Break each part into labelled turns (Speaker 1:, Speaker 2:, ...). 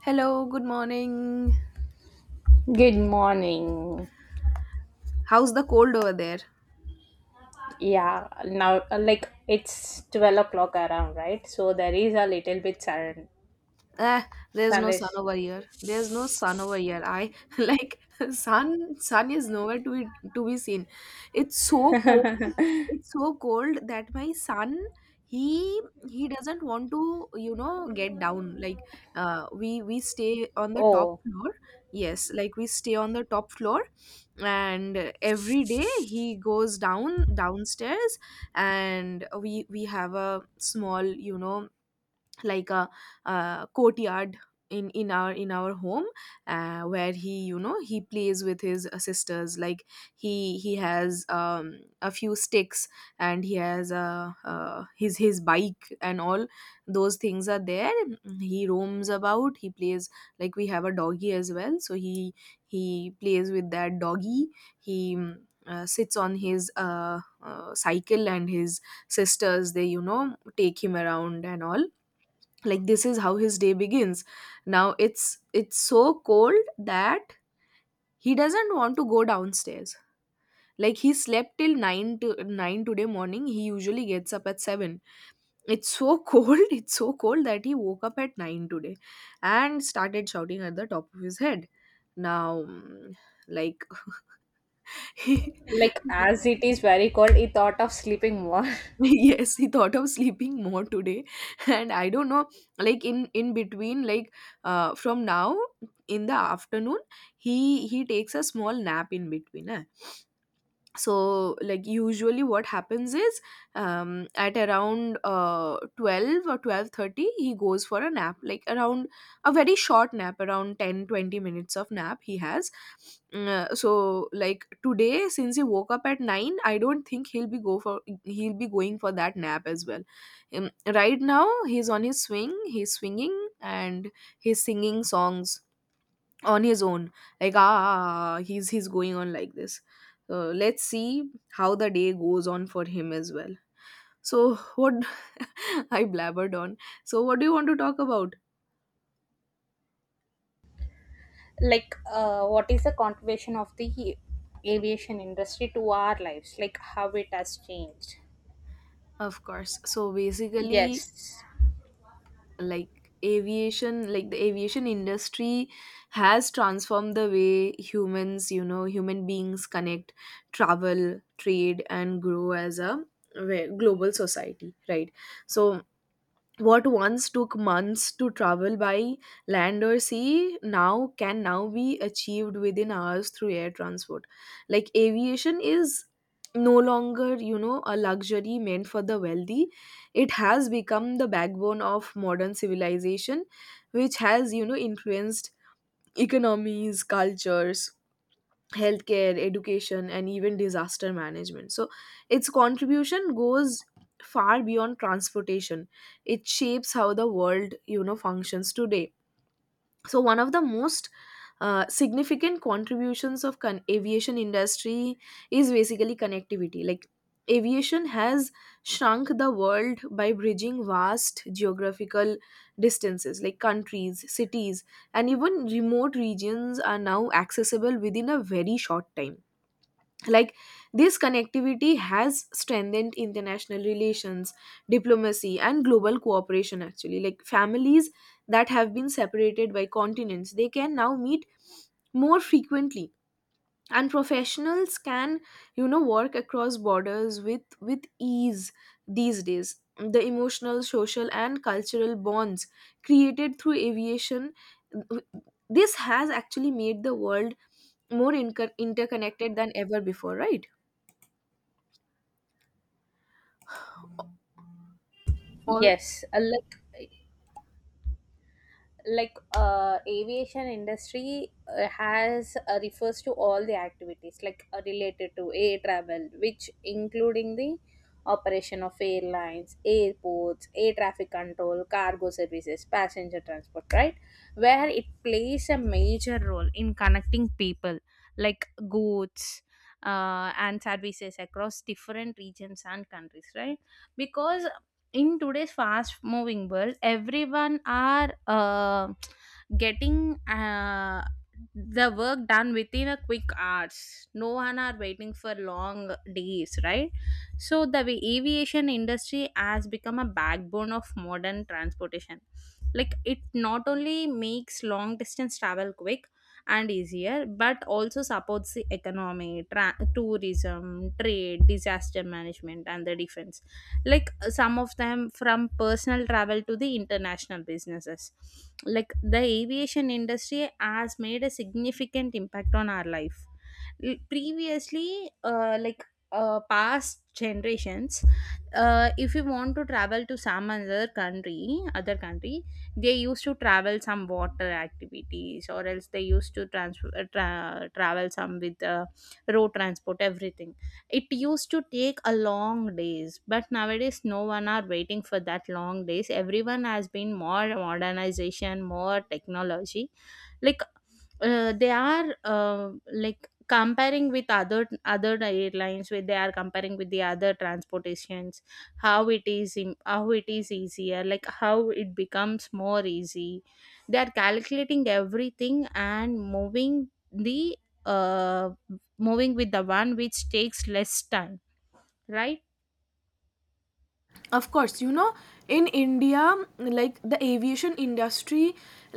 Speaker 1: Hello, good morning.
Speaker 2: Good morning.
Speaker 1: How's the cold over there?
Speaker 2: Yeah, now like it's 12 o'clock around, right? So there is a little bit sun,
Speaker 1: Eh, there's no sun
Speaker 2: sunrise.
Speaker 1: over here. There's no sun over here. I like sun. Sun is nowhere to be seen. It's so cold. It's so cold that my son he he doesn't want to get down. Like we stay on the top
Speaker 2: Oh,
Speaker 1: floor. Yes, like we stay on the top floor, and every day he goes downstairs, and we have a small, like a, courtyard in our home, where he he plays with his sisters. Like, he has a few sticks, and he has his bike, and all those things are there. He roams about, he plays. Like, we have a doggy as well, so he plays with that doggy. He sits on his cycle, and his sisters, they take him around and all. Like, this is how his day begins. Now it's so cold that he doesn't want to go downstairs. Like, he slept till 9 to 9 today morning. He usually gets up at 7. It's so cold. It's so cold that he woke up at 9 today and started shouting at the top of his head. Now, like, he,
Speaker 2: like as it is very cold, he thought of sleeping more.
Speaker 1: yes, he thought of sleeping more today. And I don't know. Like, in between, like, from now, in the afternoon, he takes a small nap in between, huh? So like, usually what happens is, at around 12 or 12:30 he goes for a nap. Like, around a very short nap, around 10-20 minutes of nap he has. So like, today, since he woke up at 9, I don't think he'll be going for that nap as well. Right now he's on his swing, he's swinging, and he's singing songs on his own. Like, he's going on like this. So let's see how the day goes on for him as well. So what, I blabbered on. So what do you want to talk about?
Speaker 2: Like, what is the contribution of the aviation industry to our lives? Like, how it has changed?
Speaker 1: Of course. So basically,
Speaker 2: Yes,
Speaker 1: like aviation, like the aviation industry has transformed the way humans you know human beings connect, travel, trade, and grow as a global society, right? So, what once took months to travel by land or sea now can now be achieved within hours through air transport. Like, aviation is no longer, a luxury meant for the wealthy. It has become the backbone of modern civilization, which has, influenced economies, cultures, healthcare, education, and even disaster management. So, its contribution goes far beyond transportation. It shapes how the world, functions today. So one of the most significant contributions of aviation industry is basically connectivity. Like, aviation has shrunk the world by bridging vast geographical distances. Like, countries, cities, and even remote regions are now accessible within a very short time. Like, this connectivity has strengthened international relations, diplomacy, and global cooperation. Actually, like, families that have been separated by continents, they can now meet more frequently, and professionals can work across borders with ease. These days the emotional, social, and cultural bonds created through aviation, this has actually made the world more interconnected than ever before, right? All
Speaker 2: yes. Like aviation industry has refers to all the activities like related to air travel, which including the operation of airlines, airports, air traffic control, cargo services, passenger transport, right, where it plays a major role in connecting people, like goods and services across different regions and countries, right, because in today's fast moving world, everyone are getting the work done within a quick hours. No one are waiting for long days, right? So the aviation industry has become a backbone of modern transportation. Like it not only makes long distance travel quick and easier, but also supports the economy, tourism, trade, disaster management, and the defense. Like some of them, from personal travel to the international businesses, like the aviation industry has made a significant impact on our life. Previously, like past generations, if you want to travel to some other country other country, they used to travel some water activities, or else they used to travel some with road transport, everything. It used to take a long days, but nowadays no one are waiting for that long days. Everyone has been more modernization, more technology. Like they are like comparing with other other airlines, where they are comparing with the other transportations, how it is how it is easier, like how it becomes more easy. They are calculating everything and moving the uh moving with the one which takes less time, right?
Speaker 1: of course, in India, like the aviation industry,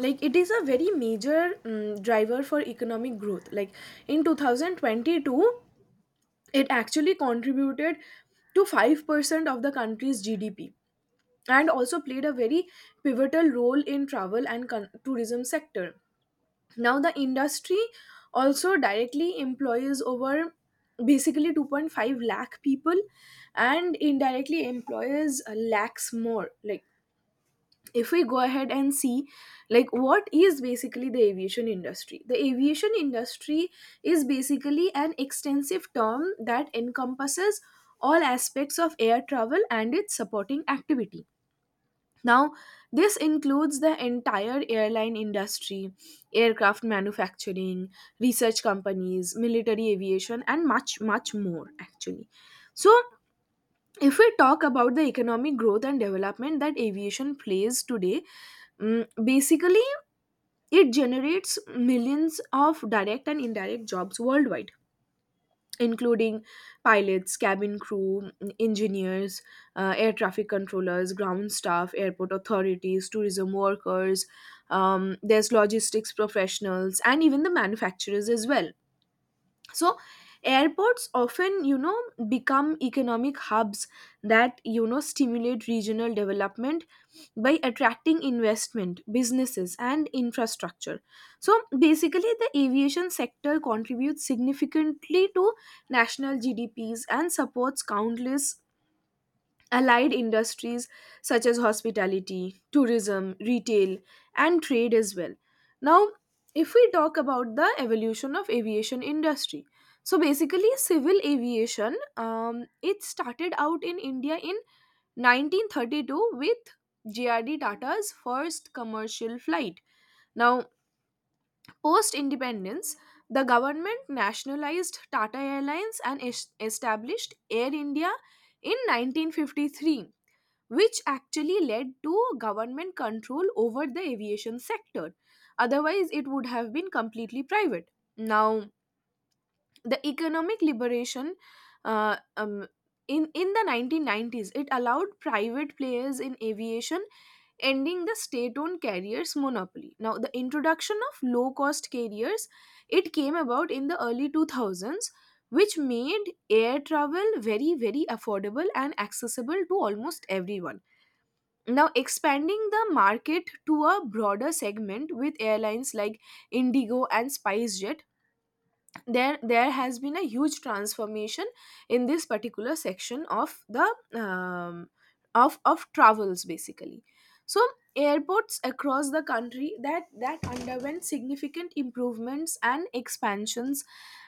Speaker 1: like it is a very major driver for economic growth. Like, in 2022 it actually contributed to 5% of the country's GDP, and also played a very pivotal role in travel and tourism sector. Now the industry also directly employs over basically 2.5 lakh people, and indirectly employs lakhs more. Like, if we go ahead and see, like, what is basically the aviation industry, the aviation industry is basically an extensive term that encompasses all aspects of air travel and its supporting activity. Now, this includes the entire airline industry, aircraft manufacturing, research companies, military aviation, and much, much more actually. So, if we talk about the economic growth and development that aviation plays today, basically it generates millions of direct and indirect jobs worldwide, including pilots, cabin crew, engineers, air traffic controllers, ground staff, airport authorities, tourism workers. There's logistics professionals and even the manufacturers as well. So airports often become economic hubs that stimulate regional development by attracting investment, businesses, and infrastructure. So basically, the aviation sector contributes significantly to national GDPs and supports countless allied industries such as hospitality, tourism, retail, and trade as well. Now, if we talk about the evolution of aviation industry, so basically civil aviation, it started out in India in 1932 with JRD Tata's first commercial flight. Now, post independence, the government nationalized Tata Airlines and established Air India in 1953, which actually led to government control over the aviation sector. Otherwise, it would have been completely private. Now, the economic liberation, uh, um, in the 1990s, it allowed private players in aviation, ending the state-owned carriers monopoly. Now, the introduction of low-cost carriers, it came about in the early 2000s, which made air travel very, very affordable and accessible to almost everyone. Now, expanding the market to a broader segment with airlines like Indigo and SpiceJet, there has been a huge transformation in this particular section of the, um, of travels basically. So airports across the country, that underwent significant improvements and expansions,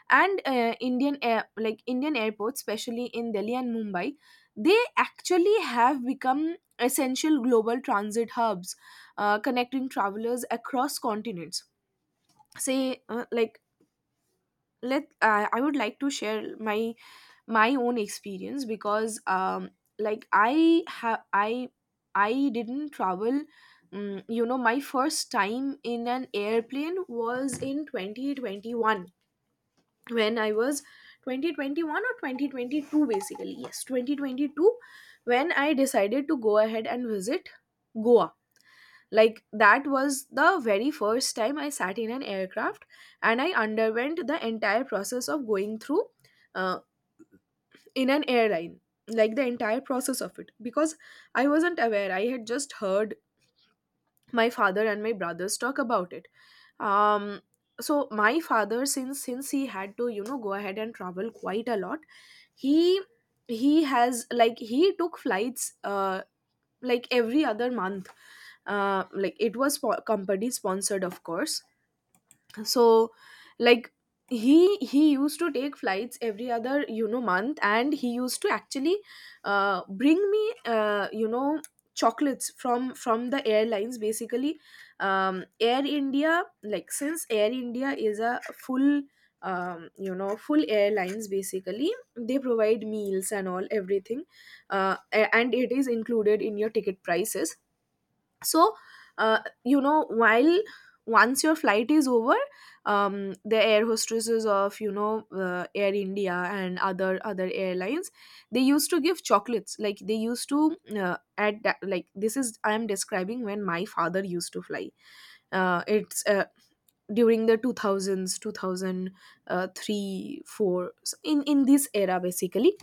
Speaker 1: and indian air like Indian airports, especially in Delhi and Mumbai, they actually have become essential global transit hubs, connecting travelers across continents. Say, like, let I would like to share my own experience, because like, I have I didn't travel. My first time in an airplane was in 2021, when I was, 2021 or 2022 basically. Yes, 2022, when I decided to go ahead and visit Goa. Like, that was the very first time I sat in an aircraft, and I underwent the entire process of going through, uh, in an airline, like the entire process of it, because I wasn't aware. I had just heard my father and my brothers talk about it. Um, so my father, since he had to, go ahead and travel quite a lot. He he has like he took flights, like, every other month. Like, it was company sponsored, of course. So like, he used to take flights every other, month, and he used to actually bring me, chocolates from the airlines basically. Air India, like, since Air India is a full, full airlines basically, they provide meals and all everything. And it is included in your ticket prices. So, while once your flight is over, the air hostesses of, Air India and other airlines, they used to give chocolates. Like, they used to add that, like this is, I am describing when my father used to fly. It's, during the 2000s, 2003, 4. So in this era basically.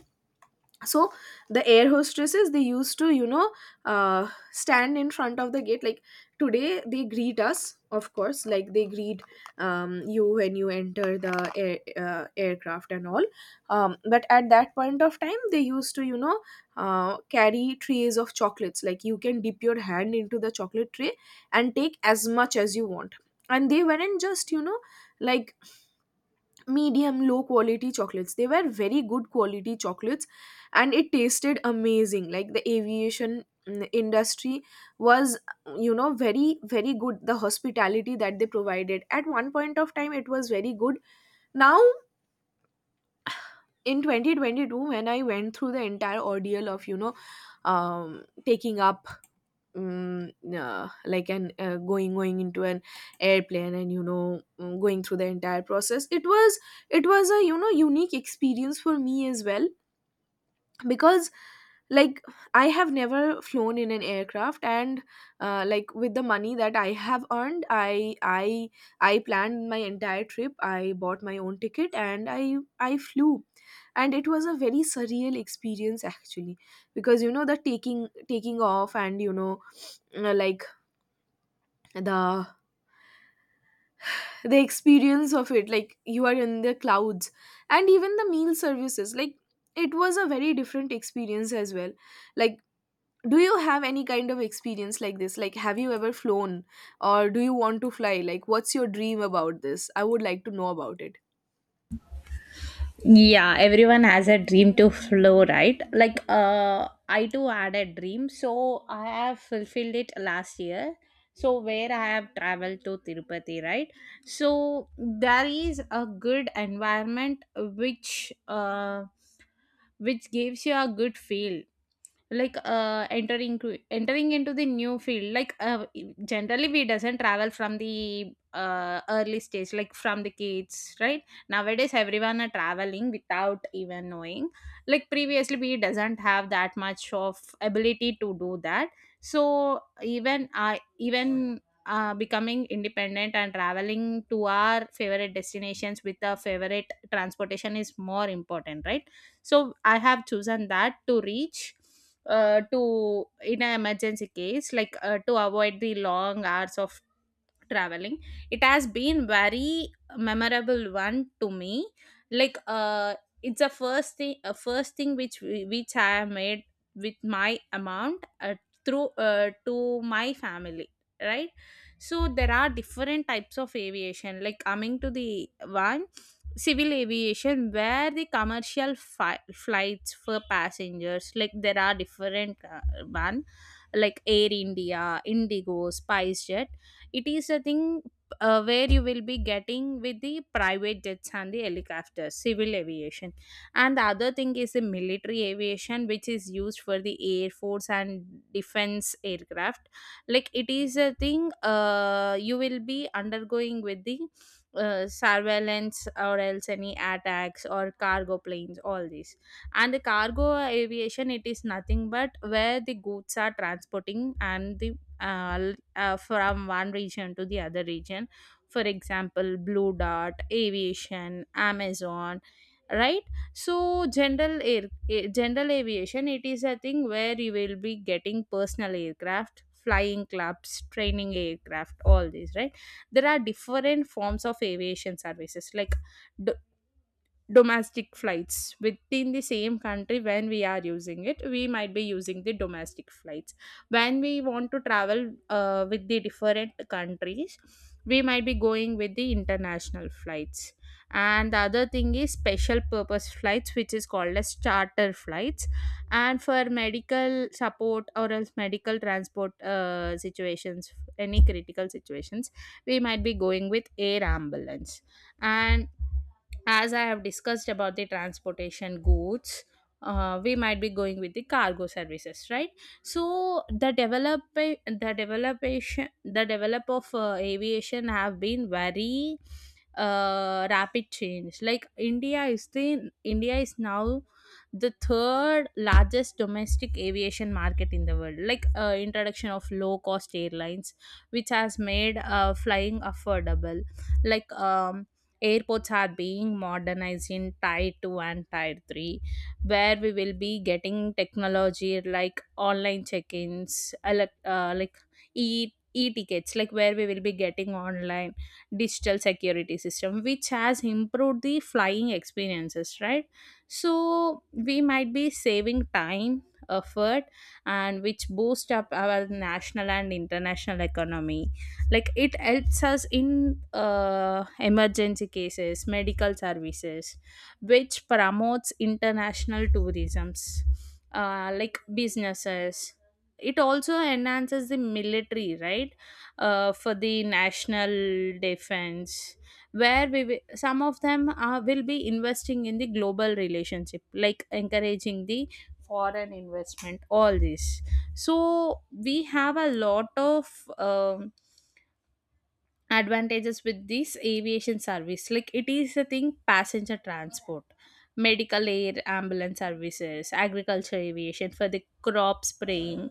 Speaker 1: So the air hostesses, they used to, stand in front of the gate. Like today they greet us, of course, like they greet, you, when you enter the aircraft and all. But at that point of time, they used to, carry trays of chocolates. Like, you can dip your hand into the chocolate tray and take as much as you want. And they weren't just, like, medium low quality chocolates. They were very good quality chocolates, and it tasted amazing. Like, the aviation, industry was, very, very good. The hospitality that they provided at one point of time, it was very good. Now in 2022, when I went through the entire ordeal of, taking up Like an going into an airplane, and you know, going through the entire process, it was a, you know, unique experience for me as well, because, like, I have never flown in an aircraft. And like, with the money that I have earned, I planned my entire trip, I bought my own ticket, and I flew. And it was a very surreal experience, actually, because, you know, the taking off, and you know, like, the the experience of it, like, you are in the clouds. And even the meal services, like, it was a very different experience as well. Like, do you have any kind of experience like this? Like, have you ever flown, or do you want to fly? Like, what's your dream about this? I would like to know about it.
Speaker 2: Yeah, everyone has a dream to flow, right? Like, I too had a dream, so I have fulfilled it last year. So, where I have traveled to Tirupati, right? So, there is a good environment which gives you a good feel, like entering into the new field, like generally we doesn't travel from the early stage, like from the kids, right? Nowadays everyone are traveling without even knowing. Like previously we doesn't have that much of ability to do that. So even I even becoming independent and traveling to our favorite destinations with our favorite transportation is more important, right? So I have chosen that to reach, to in an emergency case, like to avoid the long hours of traveling. It has been very memorable one to me, like it's a first thing which which I have made with my amount, through to my family, right? So there are different types of aviation, like coming to the one, civil aviation, where the commercial flights for passengers, like there are different one, like Air India, Indigo, SpiceJet. It is a thing where you will be getting with the private jets and the helicopters, civil aviation. And the other thing is the military aviation, which is used for the air force and defense aircraft. Like it is a thing, you will be undergoing with the surveillance or else any attacks or cargo planes, all these. And the cargo aviation, it is nothing but where the goods are transporting and the uh, from one region to the other region, for example, Blue Dot Aviation, Amazon, right? So general aviation, it is a thing where you will be getting personal aircraft, flying clubs, training aircraft, all these, right? There are different forms of aviation services like d- domestic flights within the same country. When we are using it, we might be using the domestic flights. When we want to travel with the different countries, we might be going with the international flights. And the other thing is special purpose flights, which is called as charter flights. And for medical support or else medical transport situations, any critical situations, we might be going with air ambulance. And as I have discussed about the transportation goods, we might be going with the cargo services, right? So the develop of aviation have been very rapid change. Like India is now the third largest domestic aviation market in the world. Like introduction of low cost airlines, which has made flying affordable. Like airports are being modernized in tier 2 and tier 3, where we will be getting technology like online check-ins, elect- like e e-tickets, like where we will be getting online digital security system, which has improved the flying experiences, right? So we might be saving time, effort, and which boost up our national and international economy. Like it helps us in uh, emergency cases, medical services, which promotes international tourisms, like businesses. It also enhances the military, right, for the national defense, where we some of them are, will be investing in the global relationship, like encouraging the foreign investment, all this. So we have a lot of um advantages with this aviation service, like it is a thing: passenger transport, medical air ambulance services, agriculture aviation for the crop spraying,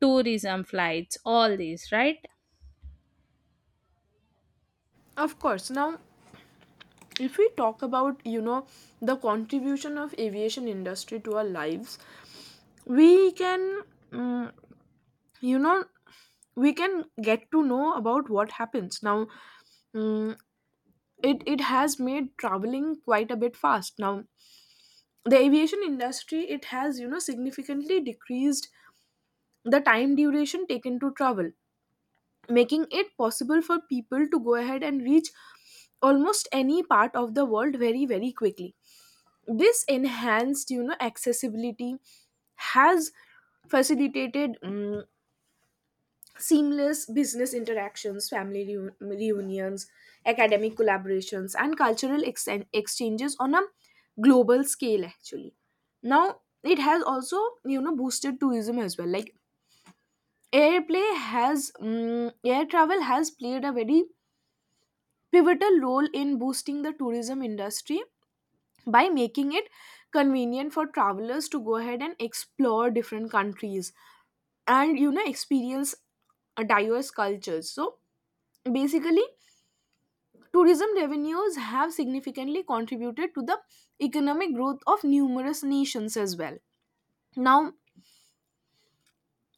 Speaker 2: tourism flights, all these, right?
Speaker 1: Of course. Now, if we talk about, you know, the contribution of aviation industry to our lives, we can, mm, you know, we can get to know about what happens now. Mm, it has made traveling quite a bit fast now. The aviation industry, it has, you know, significantly decreased the time duration taken to travel, making it possible for people to go ahead and reach almost any part of the world very, very quickly. This enhanced, you know, accessibility has facilitated, seamless business interactions, reunions, academic collaborations, and exchanges on a global scale, actually. Now, it has also, you know, boosted tourism as well. Like, air travel has played a very pivotal role in boosting the tourism industry by making it convenient for travelers to go ahead and explore different countries and, you know, experience diverse cultures. So, basically, tourism revenues have significantly contributed to the economic growth of numerous nations as well. Now,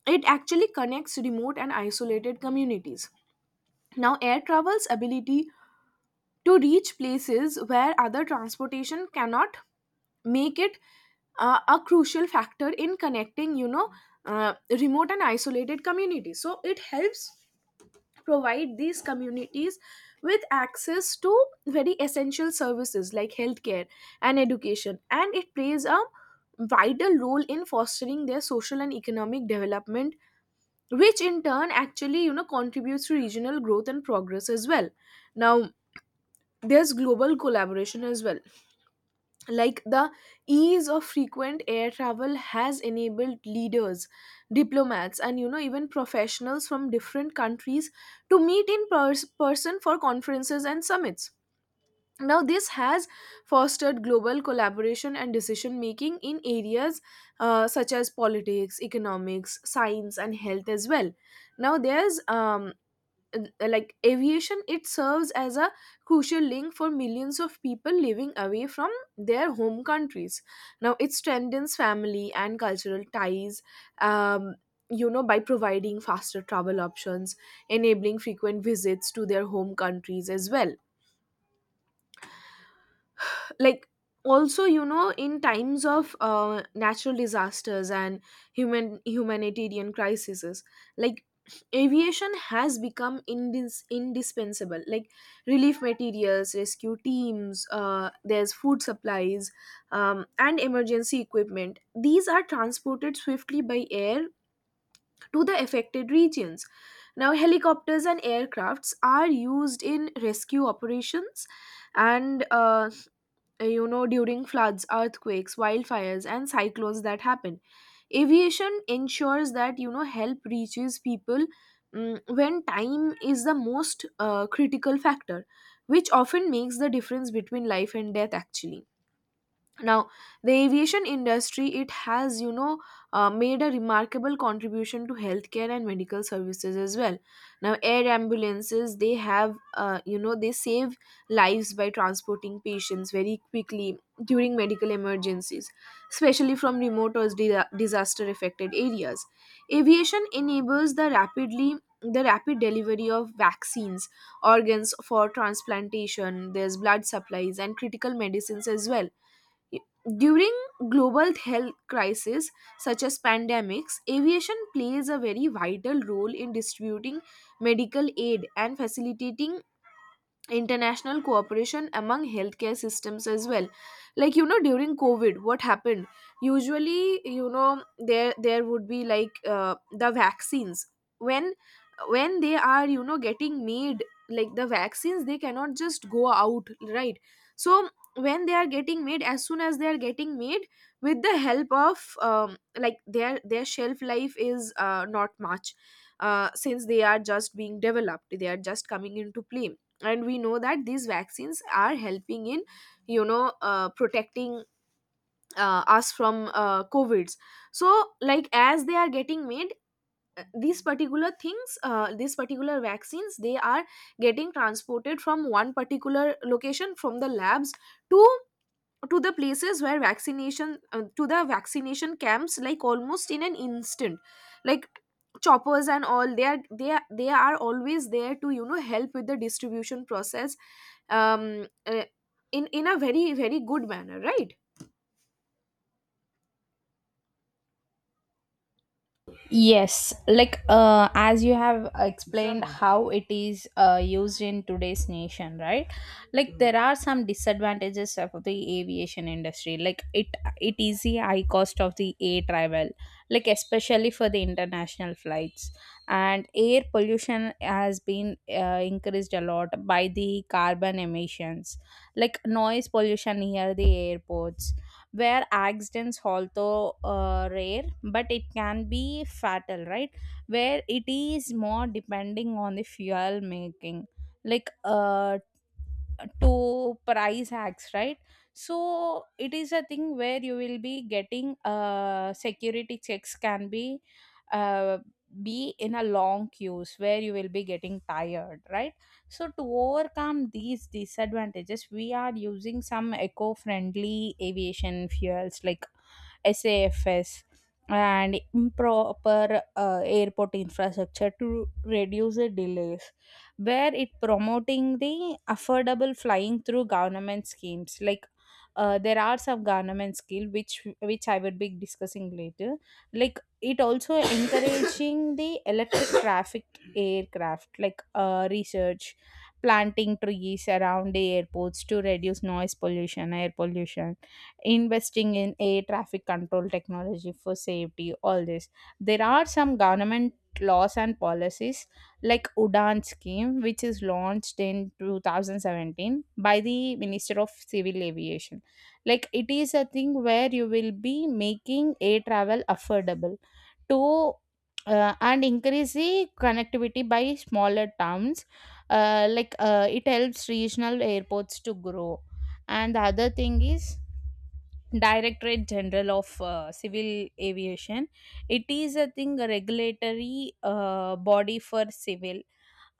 Speaker 1: it actually connects remote and isolated communities. Now, air travel's ability to reach places where other transportation cannot make it a crucial factor in connecting, you know, uh, remote and isolated communities. So, it helps provide these communities with access to very essential services like healthcare and education, and it plays a vital role in fostering their social and economic development, which in turn, actually, you know, contributes to regional growth and progress as well. Now, there's global collaboration as well. Like, the ease of frequent air travel has enabled leaders, diplomats, and, you know, even professionals from different countries to meet in person for conferences and summits. Now, this has fostered global collaboration and decision making in areas such as politics, economics, science, and health as well. Now, there's like, aviation, it serves as a crucial link for millions of people living away from their home countries. Now, it strengthens family and cultural ties, um, you know, by providing faster travel options, enabling frequent visits to their home countries as well. Like, also, you know, in times of natural disasters and humanitarian crises, like, aviation has become indispensable. Like, relief materials, rescue teams, there's food supplies, and emergency equipment, these are transported swiftly by air to the affected regions. Now, helicopters and aircrafts are used in rescue operations, and you know, during floods, earthquakes, wildfires, and cyclones that happen, aviation ensures that, you know, help reaches people when time is the most critical factor, which often makes the difference between life and death, actually. Now, the aviation industry, it has, you know, made a remarkable contribution to healthcare and medical services as well. Now, air ambulances, they have, you know, they save lives by transporting patients very quickly during medical emergencies, especially from remote or disaster affected areas. Aviation enables the rapid delivery of vaccines, organs for transplantation, there's blood supplies and critical medicines as well. During global health crises, such as pandemics, aviation plays a very vital role in distributing medical aid and facilitating international cooperation among healthcare systems as well. Like, you know, during COVID, what happened, usually, you know, there would be, like, the vaccines, when when they are, you know, getting made, like, the vaccines, they cannot just go out, right? So when they are getting made, as soon as they are getting made, with the help of, like, their shelf life is not much. Since they are just being developed, they are just coming into play, and we know that these vaccines are helping in, you know, protecting us from covids. So, like, as they are getting made, these particular vaccines, they are getting transported from one particular location, from the labs to to the places where vaccination to the vaccination camps, like, almost in an instant. Like, choppers and all, they are they are always there to, you know, help with the distribution process um uh, in a very, very good manner, right?
Speaker 2: Yes, like as you have explained. Exactly. How it is used in today's nation, right? Like there are some disadvantages of the aviation industry. Like it is the high cost of the air travel, like especially for the international flights. And air pollution has been increased a lot by the carbon emissions, like noise pollution near the airports, where accidents, although rare, but it can be fatal, right, where it is more depending on the fuel making, like to price hacks, right? So it is a thing where you will be getting security checks can uh be in a long queues, where you will be getting tired, right? So to overcome these disadvantages, we are using some eco-friendly aviation fuels like SAFS, and improper airport infrastructure to reduce the delays, where it promoting the affordable flying through government schemes. Like there are some government skill which I would be discussing later. Like it also encouraging the electric traffic aircraft, like research, planting trees around the airports to reduce noise pollution, air pollution, investing in air traffic control technology for safety, all this. There are some government laws and policies, like Udan scheme, which is launched in 2017 by the Minister of Civil Aviation. Like it is a thing where you will be making air travel affordable to and increase the connectivity by smaller towns. Like it helps regional airports to grow. And the other thing is Directorate General of Civil Aviation. It is, I think, a regulatory body for civil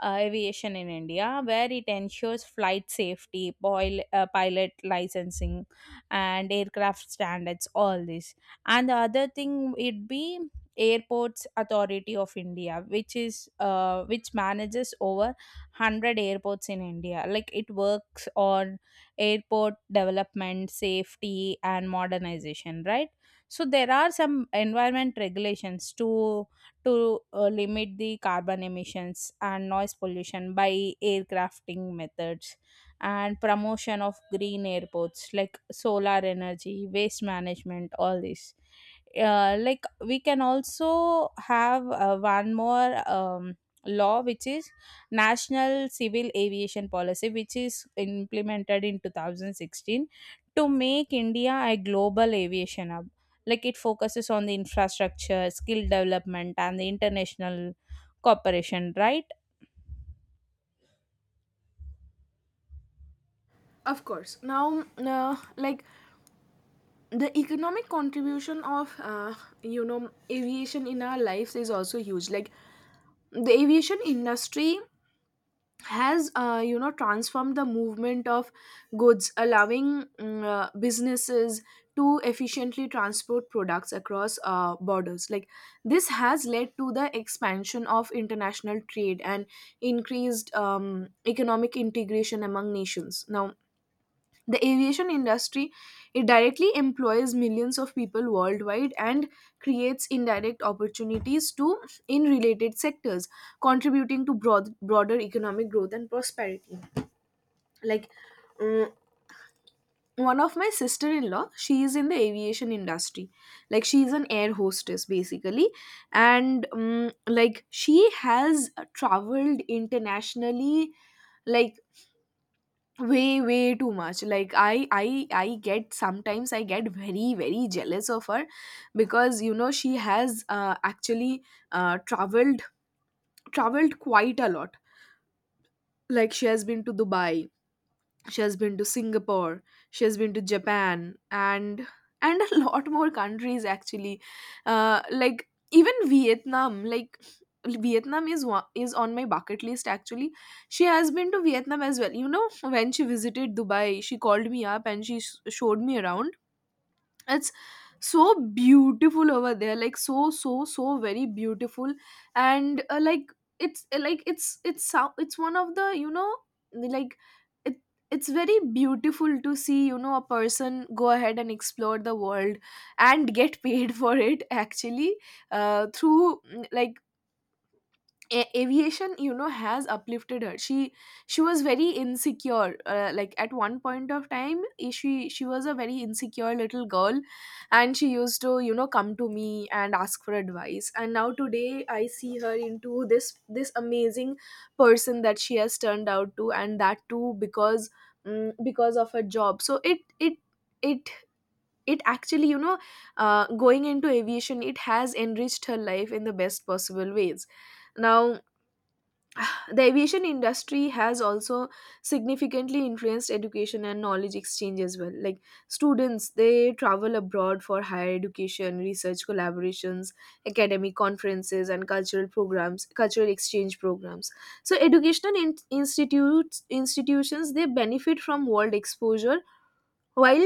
Speaker 2: aviation in India, where it ensures flight safety, pilot licensing, and aircraft standards, all this. And the other thing would be Airports Authority of India, which is which manages over 100 airports in India. Like it works on airport development, safety, and modernization, right? So there are some environment regulations to limit the carbon emissions and noise pollution by aircrafting methods, and promotion of green airports like solar energy, waste management, all this. Like we can also have one more law, which is National Civil Aviation Policy, which is implemented in 2016 to make India a global aviation hub. Like it focuses on the infrastructure, skill development, and the international cooperation, right?
Speaker 1: Of course. Now, like, the economic contribution of, you know, aviation in our lives is also huge. Like, the aviation industry has, you know, transformed the movement of goods, allowing, businesses to efficiently transport products across borders. Like, this has led to the expansion of international trade and increased, economic integration among nations. Now, the aviation industry, it directly employs millions of people worldwide and creates indirect opportunities to in related sectors, contributing to broader economic growth and prosperity. Like, mm, one of my sister-in-law, she is in the aviation industry. Like, she is an air hostess, basically, and, like, she has traveled internationally, like, way too much. Like, I get, sometimes I get very, very jealous of her, because, you know, she has, actually, uh, traveled traveled quite a lot. Like, she has been to Dubai, she has been to Singapore, she has been to Japan, and a lot more countries, actually. Like, even Vietnam. Like, is on my bucket list, actually. She has been to Vietnam as well. You know, when she visited Dubai, she called me up and she showed me around. It's so beautiful over there. Like, so, so, so very beautiful. And, like, it's one of the, you know, like, it it's very beautiful to see, you know, a person go ahead and explore the world and get paid for it, actually, through, like, aviation, you know, has uplifted her. She She was very insecure, like, at one point of time. She was a very insecure little girl, and she used to, you know, come to me and ask for advice, and now today I see her into this amazing person that she has turned out to, and that too because, because of her job. So it it it, actually, you know, going into aviation, it has enriched her life in the best possible ways. Now, the aviation industry has also significantly influenced education and knowledge exchange as well. Like, students, they travel abroad for higher education, research collaborations, academic conferences, and cultural exchange programs. So, educational in- institutes institutions, they benefit from world exposure, while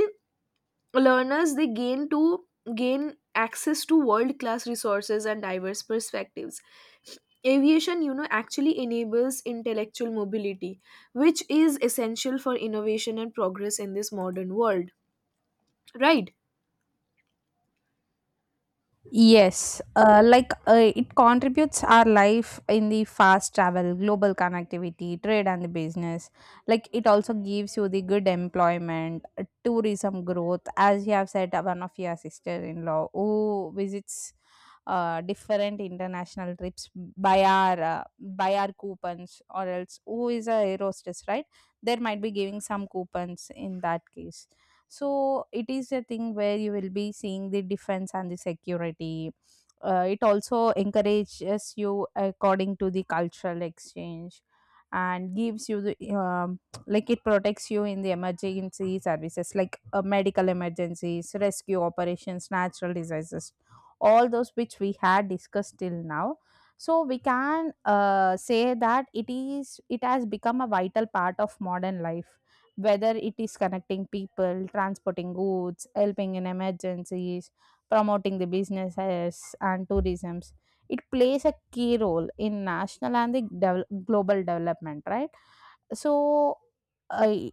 Speaker 1: learners, they gain access to world class resources and diverse perspectives. Aviation, you know, actually enables intellectual mobility, which is essential for innovation and progress in this modern world, right?
Speaker 2: Yes, it contributes our life in the fast travel, global connectivity, trade, and the business. Like it also gives you the good employment, tourism growth, as you have said, one of your sister-in-law who visits different international trips by our coupons, or else who is a aerostess, right? There might be giving some coupons in that case. So it is a thing where you will be seeing the defense and the security. It also encourages you according to the cultural exchange, and gives you the like it protects you in the emergency services like medical emergencies, rescue operations, natural disasters, all those which we had discussed till now. So we can say that it has become a vital part of modern life, whether it is connecting people, transporting goods, helping in emergencies, promoting the businesses and tourisms. It plays a key role in national and the global development, right? So, I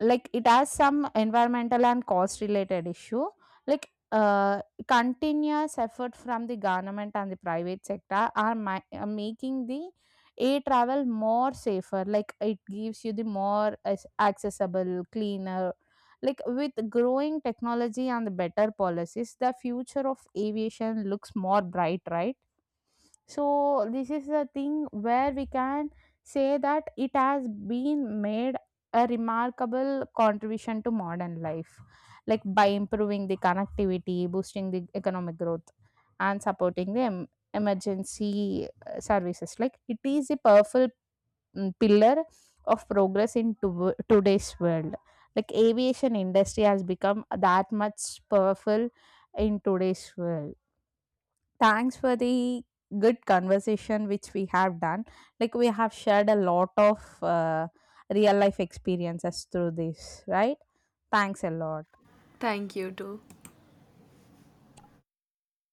Speaker 2: like it has some environmental and cost related issue. Like continuous effort from the government and the private sector are, are making the a travel more safer, like it gives you the more accessible, cleaner. Like with growing technology and the better policies, the future of aviation looks more bright, right? So this is the thing where we can say that it has been made a remarkable contribution to modern life, like by improving the connectivity, boosting the economic growth, and supporting the emergency services. Like it is a powerful pillar of progress in today's world. Like aviation industry has become that much powerful in today's world. Thanks for the good conversation which we have done. Like we have shared a lot of real life experiences through this, right? Thanks a lot.
Speaker 1: Thank you too.